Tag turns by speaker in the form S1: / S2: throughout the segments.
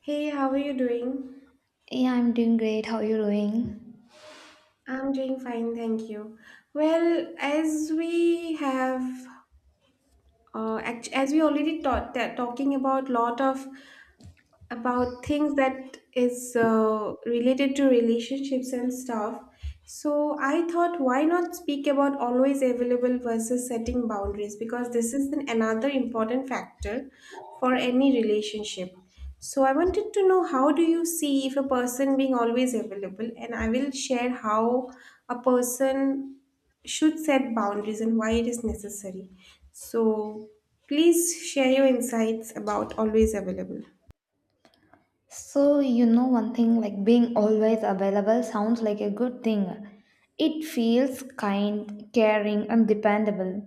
S1: Hey, how are you doing?
S2: Yeah, I'm doing great. How are you doing?
S1: I'm doing fine, thank you. Well, as we have, as we already taught that talking about lot of about things that is related to relationships and stuff. So I thought, why not speak about always available versus setting boundaries? Because this is an, another important factor for any relationship. So I wanted to know how do you see if a person being always available, and I will share how a person should set boundaries and why it is necessary. So please share your insights about always available.
S2: One thing like being always available sounds like a good thing. It feels kind, caring, and dependable.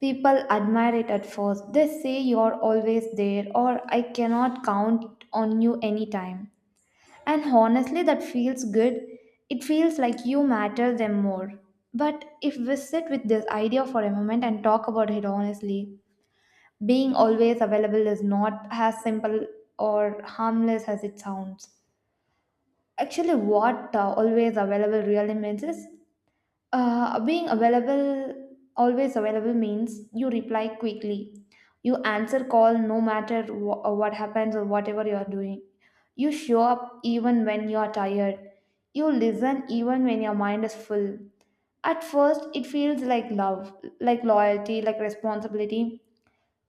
S2: People admire it at first. They say you're always there, or I cannot count on you anytime. And honestly, that feels good. It feels like you matter them more. But if we sit with this idea for a moment and talk about it honestly, being always available is not as simple or harmless as it sounds. Actually, what always available really means is being available, always available means you reply quickly. You answer call no matter what happens or whatever you are doing. You show up even when you are tired. You listen even when your mind is full. At first, it feels like love, like loyalty, like responsibility.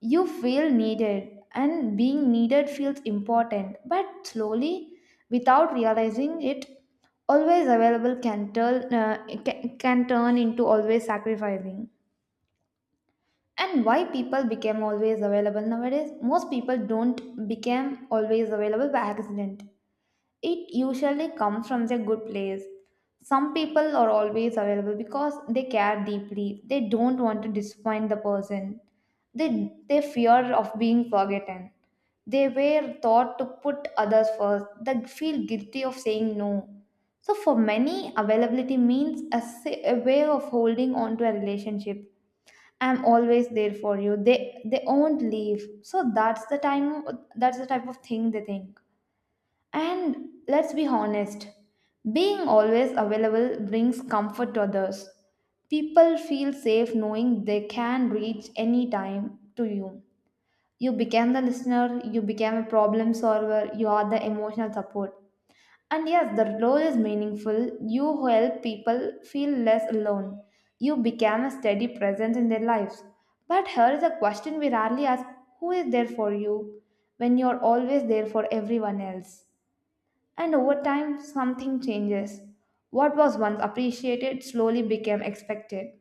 S2: You feel needed, and being needed feels important, but slowly, without realizing it, always available can can turn into always sacrificing. And why people became always available nowadays? Most people don't become always available by accident. It usually comes from a good place. Some people are always available because they care deeply. They don't want to disappoint the person. They fear of being forgotten. They were taught to put others first. They feel guilty of saying no. So for many, availability means a way of holding on to a relationship. I'm always there for you, they won't leave. So that's the time, that's the type of thing they think. And let's be honest, being always available brings comfort to others. People feel safe knowing they can reach any time to you. You became the listener, you became a problem solver, you are the emotional support. And yes, the role is meaningful. You help people feel less alone. You became a steady presence in their lives. But here is a question we rarely ask: who is there for you when you are always there for everyone else? And over time, something changes. What was once appreciated slowly became expected.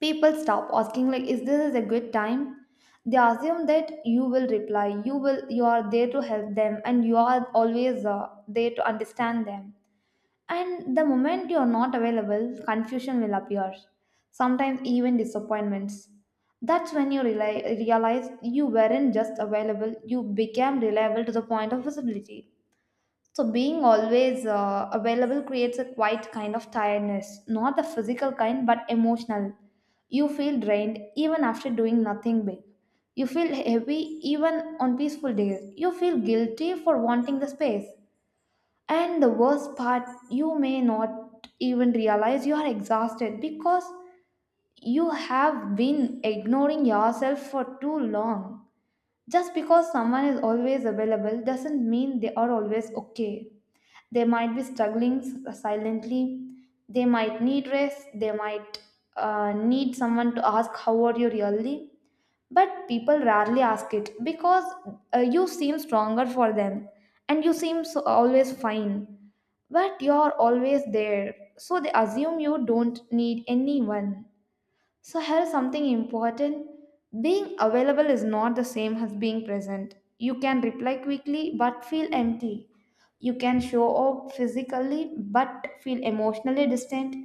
S2: People stop asking like, "Is this is a good time?" They assume that you will reply, you will, you are there to help them, and you are always there to understand them. And the moment you are not available, confusion will appear. Sometimes even disappointments. That's when you realize you weren't just available; you became reliable to the point of visibility. So, being always available creates a quiet kind of tiredness, not the physical kind, but emotional. You feel drained even after doing nothing big. You feel heavy even on peaceful days. You feel guilty for wanting the space. And the worst part, you may not even realize you are exhausted because you have been ignoring yourself for too long. Just because someone is always available doesn't mean they are always okay. They might be silently, they might need rest, they might need someone to ask, how are you really? But people rarely ask it because you seem stronger for them and you seem so always fine. But you're always there, so they assume you don't need anyone. So, here's something important: being available is not the same as being present. You can reply quickly but feel empty. You can show up physically but feel emotionally distant.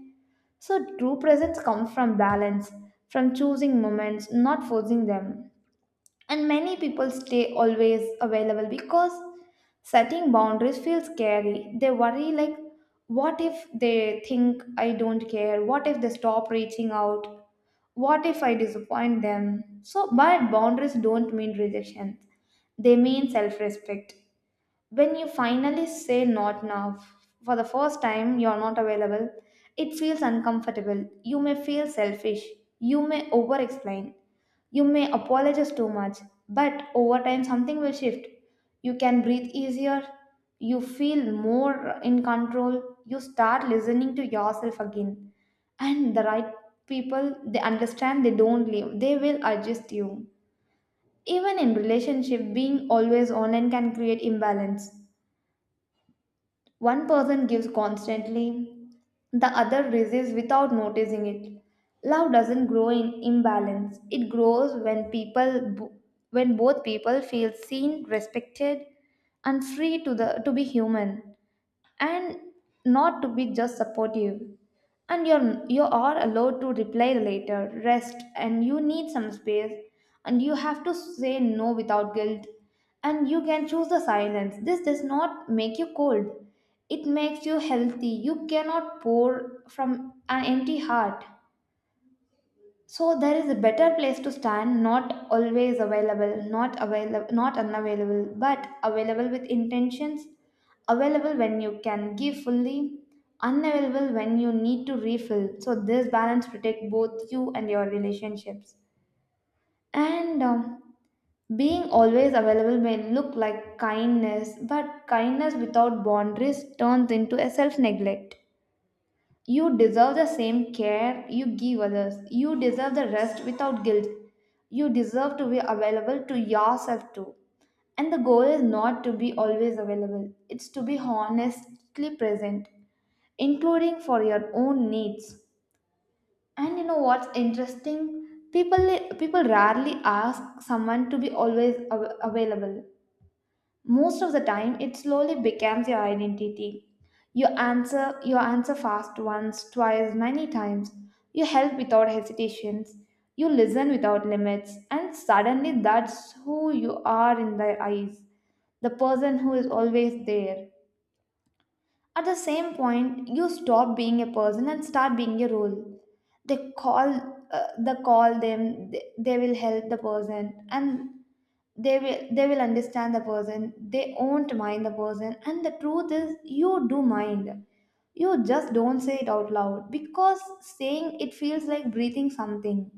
S2: So, true presence comes from balance, from choosing moments, not forcing them. And many people stay always available because setting boundaries feels scary. They worry like, what if they think I don't care, what if they stop reaching out, what if I disappoint them. So but boundaries don't mean rejection, they mean self-respect. When you finally say not now, for the first time you're not available, it feels uncomfortable. You may feel selfish. You may over explain. You may apologize too much. But over time, something will shift. You can breathe easier. You feel more in control. You start listening to yourself again. And the right people, they understand, they don't leave, they will adjust you. Even in relationship, being always online can create imbalance. One person gives constantly, the other resists without noticing it. Love doesn't grow in imbalance. It grows when when both people feel seen, respected, and free to the to be human, and not to be just supportive. And you are allowed to reply later, rest, and you need some space, and you have to say no without guilt, and you can choose the silence. This does not make you cold, it makes you healthy. You cannot pour from an empty heart. So there is a better place to stand, not always available, not unavailable, but available with intentions, available when you can give fully, unavailable when you need to refill. So this balance protect both you and your relationships. And being always available may look like kindness, but kindness without boundaries turns into a self neglect. You deserve the same care you give others. You deserve the rest without guilt. You deserve to be available to yourself too. And the goal is not to be always available, it's to be honestly present, including for your own needs. And you know what's interesting? People rarely ask someone to be available. Most of the time it slowly becomes your identity. You answer fast, once, twice, many times. You help without hesitations, you listen without limits, and suddenly that's who you are in their eyes, the person who is always there. At the same point, you stop being a person and start being a role. They call, they call them. They will help the person, and they will understand the person. They won't mind the person. And the truth is, you do mind. You just don't say it out loud because saying it feels like breathing something.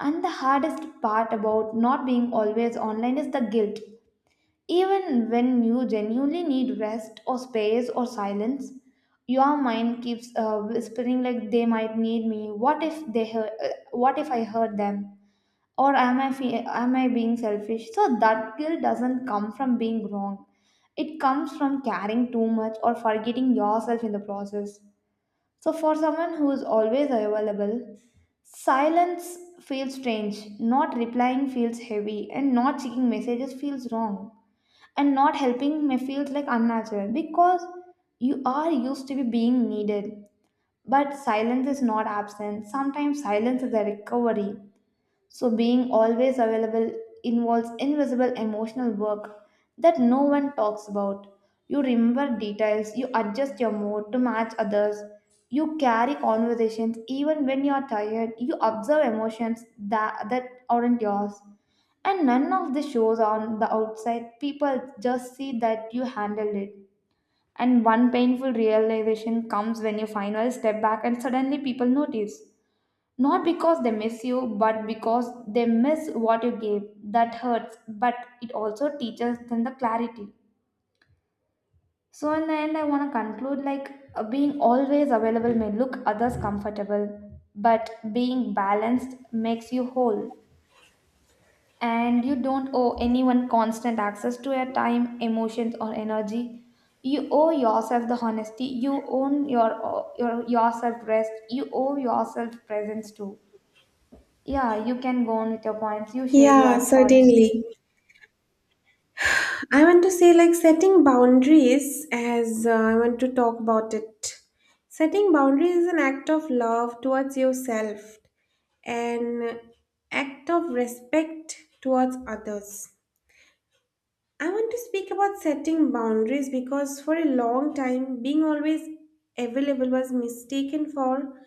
S2: And the hardest part about not being always online is the guilt. Even when you genuinely need rest or space or silence, your mind keeps whispering like, they might need me. What if they heard, what if I heard them? Or am am I being selfish? So that guilt doesn't come from being wrong. It comes from caring too much or forgetting yourself in the process. So for someone who is always available, silence feels strange. Not replying feels heavy and not checking messages feels wrong and not helping may feel like unnatural because you are used to be being needed. But silence is not absent, sometimes silence is a recovery. So, being always available involves invisible emotional work that no one talks about. You remember details, you adjust your mood to match others, you carry conversations even when you are tired, you observe emotions that aren't yours. And none of this shows on the outside. People just see that you handled it. And one painful realization comes when you finally step back and suddenly people notice. Not because they miss you, but because they miss what you gave. That hurts, but it also teaches them the clarity. So, in the end, I want to conclude like being always available may look others comfortable, but being balanced makes you whole. And you don't owe anyone constant access to your time, emotions, or energy. You owe yourself the honesty. You own yourself rest. You owe yourself presence too. Yeah, you can go on with your points. You share
S1: Yeah,
S2: your thoughts.
S1: certainly. I want to say, like, setting boundaries, as I want to talk about it. Setting boundaries is an act of love towards yourself, an act of respect towards others. I want to speak about setting boundaries because for a long time, being always available was mistaken for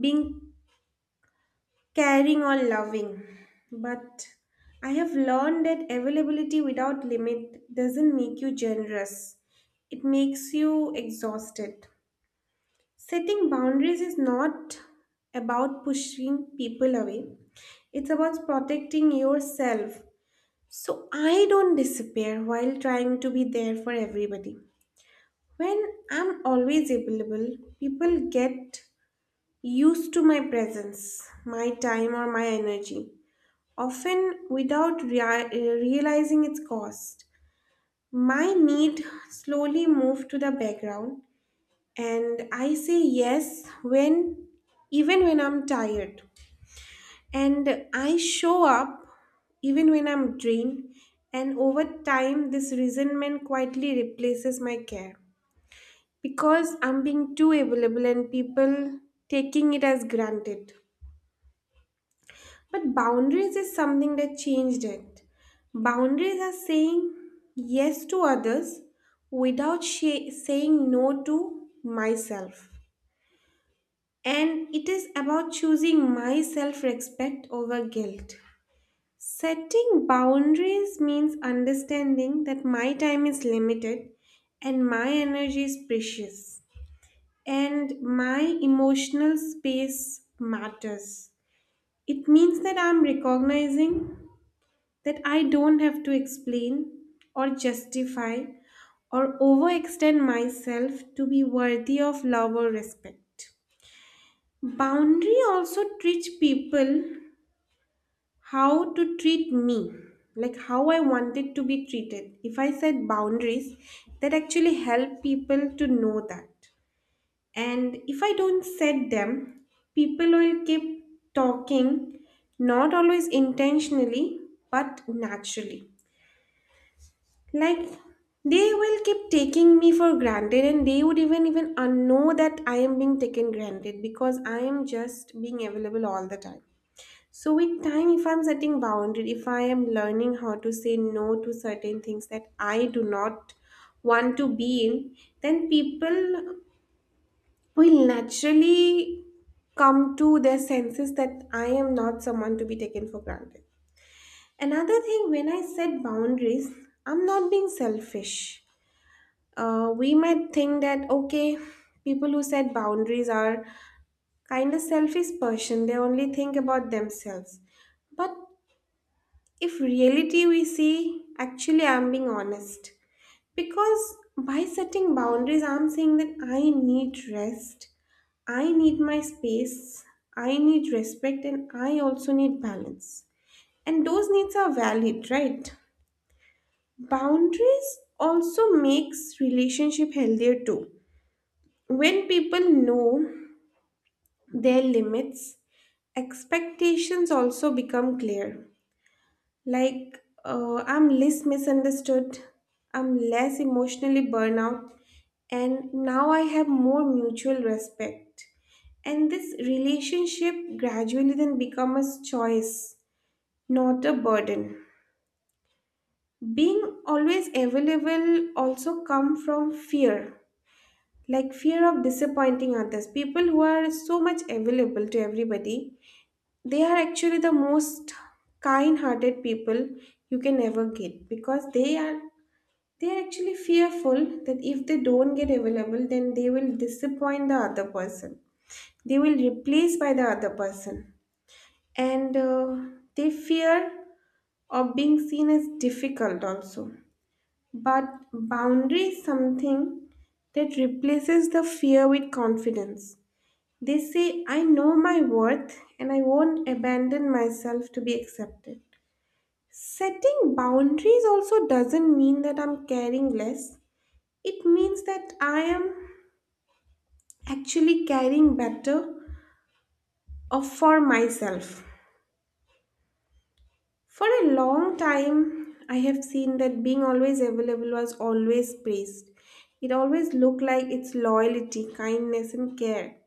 S1: being caring or loving. But I have learned that availability without limit doesn't make you generous, it makes you exhausted. Setting boundaries is not about pushing people away, it's about protecting yourself. So I don't disappear while trying to be there for everybody. When I'm always available, people get used to my presence, my time, or my energy often without realizing its cost. My need slowly moved to the background, and I say yes when even when I'm tired. And I show up even when I'm drained, and over time, this resentment quietly replaces my care because I'm being too available and people taking it as granted. But boundaries is something that changed it. Boundaries are saying yes to others without saying no to myself. And it is about choosing my self respect over guilt. Setting boundaries means understanding that my time is limited and my energy is precious and my emotional space matters. It means that I'm recognizing that I don't have to explain or justify or overextend myself to be worthy of love or respect. Boundary also teach people how to treat me, like how I wanted to be treated. If I set boundaries, that actually help people to know that. And if I don't set them, people will keep talking, not always intentionally, but naturally. Like they will keep taking me for granted and they would even know that I am being taken granted because I am just being available all the time. So with time, if I'm setting boundary, if I am learning how to say no to certain things that I do not want to be in, then people will naturally come to their senses that I am not someone to be taken for granted. Another thing, when I set boundaries, I'm not being selfish. We might think that okay, people who set boundaries are kind of selfish person, they only think about themselves. But if reality we see, actually I'm being honest because by setting boundaries I'm saying that I need rest, I need my space, I need respect, and I also need balance. And those needs are valid, right? Boundaries also makes relationship healthier too. When people know their limits, expectations also become clear. Like, I'm less misunderstood, I'm less emotionally burnout, and now I have more mutual respect. And this relationship gradually then becomes a choice, not a burden. Being always available also come from fear, like fear of disappointing others. People who are so much available to everybody, they are actually the most kind hearted people you can ever get because they are actually fearful that if they don't get available then they will disappoint the other person, they will replace by the other person. And they fear of being seen as difficult also. But boundary is something that replaces the fear with confidence. They say, I know my worth and I won't abandon myself to be accepted. Setting boundaries also doesn't mean that I'm caring less. It means that I am actually caring better of for myself. For a long time, I have seen that being always available was always praised. It always looked like its loyalty, kindness, and care.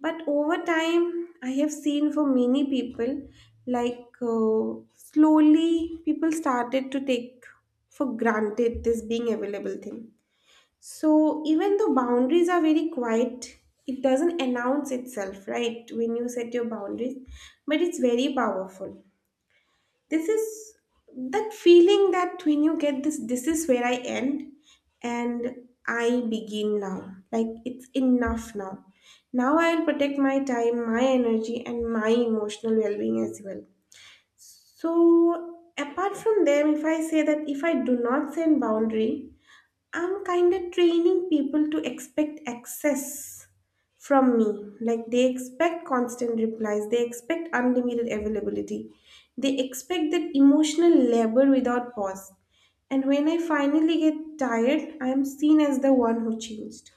S1: But over time, I have seen for many people, slowly, people started to take for granted this being available thing. So even though boundaries are very quiet, it doesn't announce itself, right? When you set your boundaries, but it's very powerful. This is that feeling that when you get this, this is where I end and I begin now, like it's enough now. Now I'll protect my time, my energy and my emotional well-being as well. So apart from them, if I say that if I do not set boundary, I'm kind of training people to expect access from me. Like they expect constant replies, they expect unlimited availability, they expect that emotional labor without pause. And when I finally get tired, I am seen as the one who changed.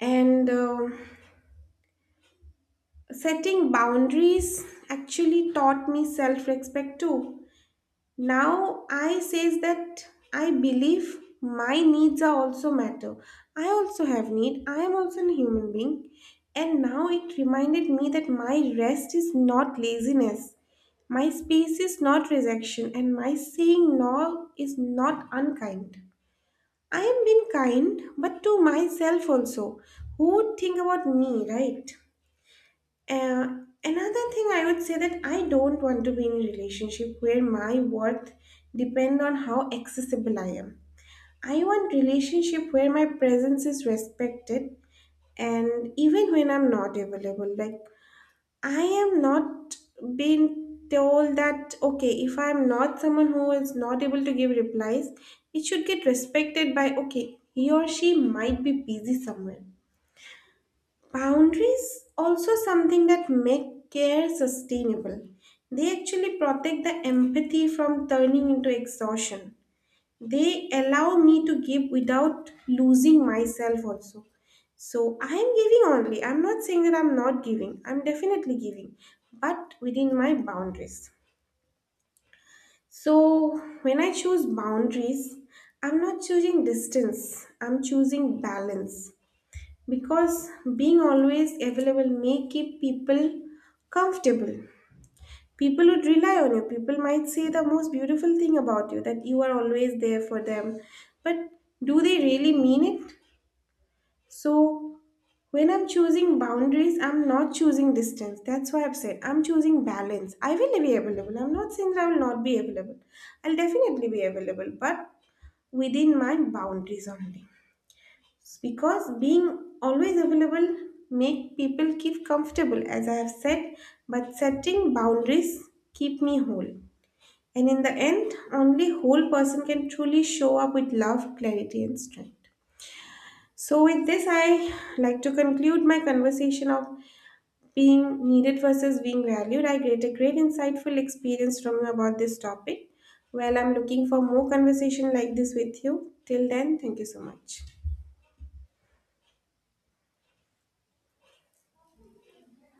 S1: And setting boundaries actually taught me self respect too. Now I says that I believe my needs are also matter, I also have need, I am also a human being. And now it reminded me that my rest is not laziness, my space is not rejection and my saying no is not unkind. I am being kind but to myself also. Who would think about me, right? uh, Another thing I would say that I don't want to be in a relationship where my worth depend on how accessible I am. I want relationship where my presence is respected and even when I'm not available. Like I am not being told that okay, if I'm not someone who is not able to give replies, it should get respected by okay, he or she might be busy somewhere. Boundaries also something that make care sustainable. They actually protect the empathy from turning into exhaustion. They allow me to give without losing myself also. So I am giving only. I'm not saying that I'm not giving. I'm definitely giving, but within my boundaries. So when I choose boundaries, I'm not choosing distance. I'm choosing balance because being always available may keep people comfortable, people would rely on you, people might say the most beautiful thing about you that you are always there for them. But do they really mean it? So when I'm choosing boundaries, I'm not choosing distance, that's why I've said I'm choosing balance. I will be available, I'm not saying that I will not be available, I'll definitely be available, but within my boundaries only. Because being always available make people keep comfortable as I have said, but setting boundaries keep me whole. And in the end, only whole person can truly show up with love, clarity and strength. So with this I like to conclude my conversation of being needed versus being valued. I get a great insightful experience from you about this topic. Well, I'm looking for more conversation like this with you. Till then, thank you so much.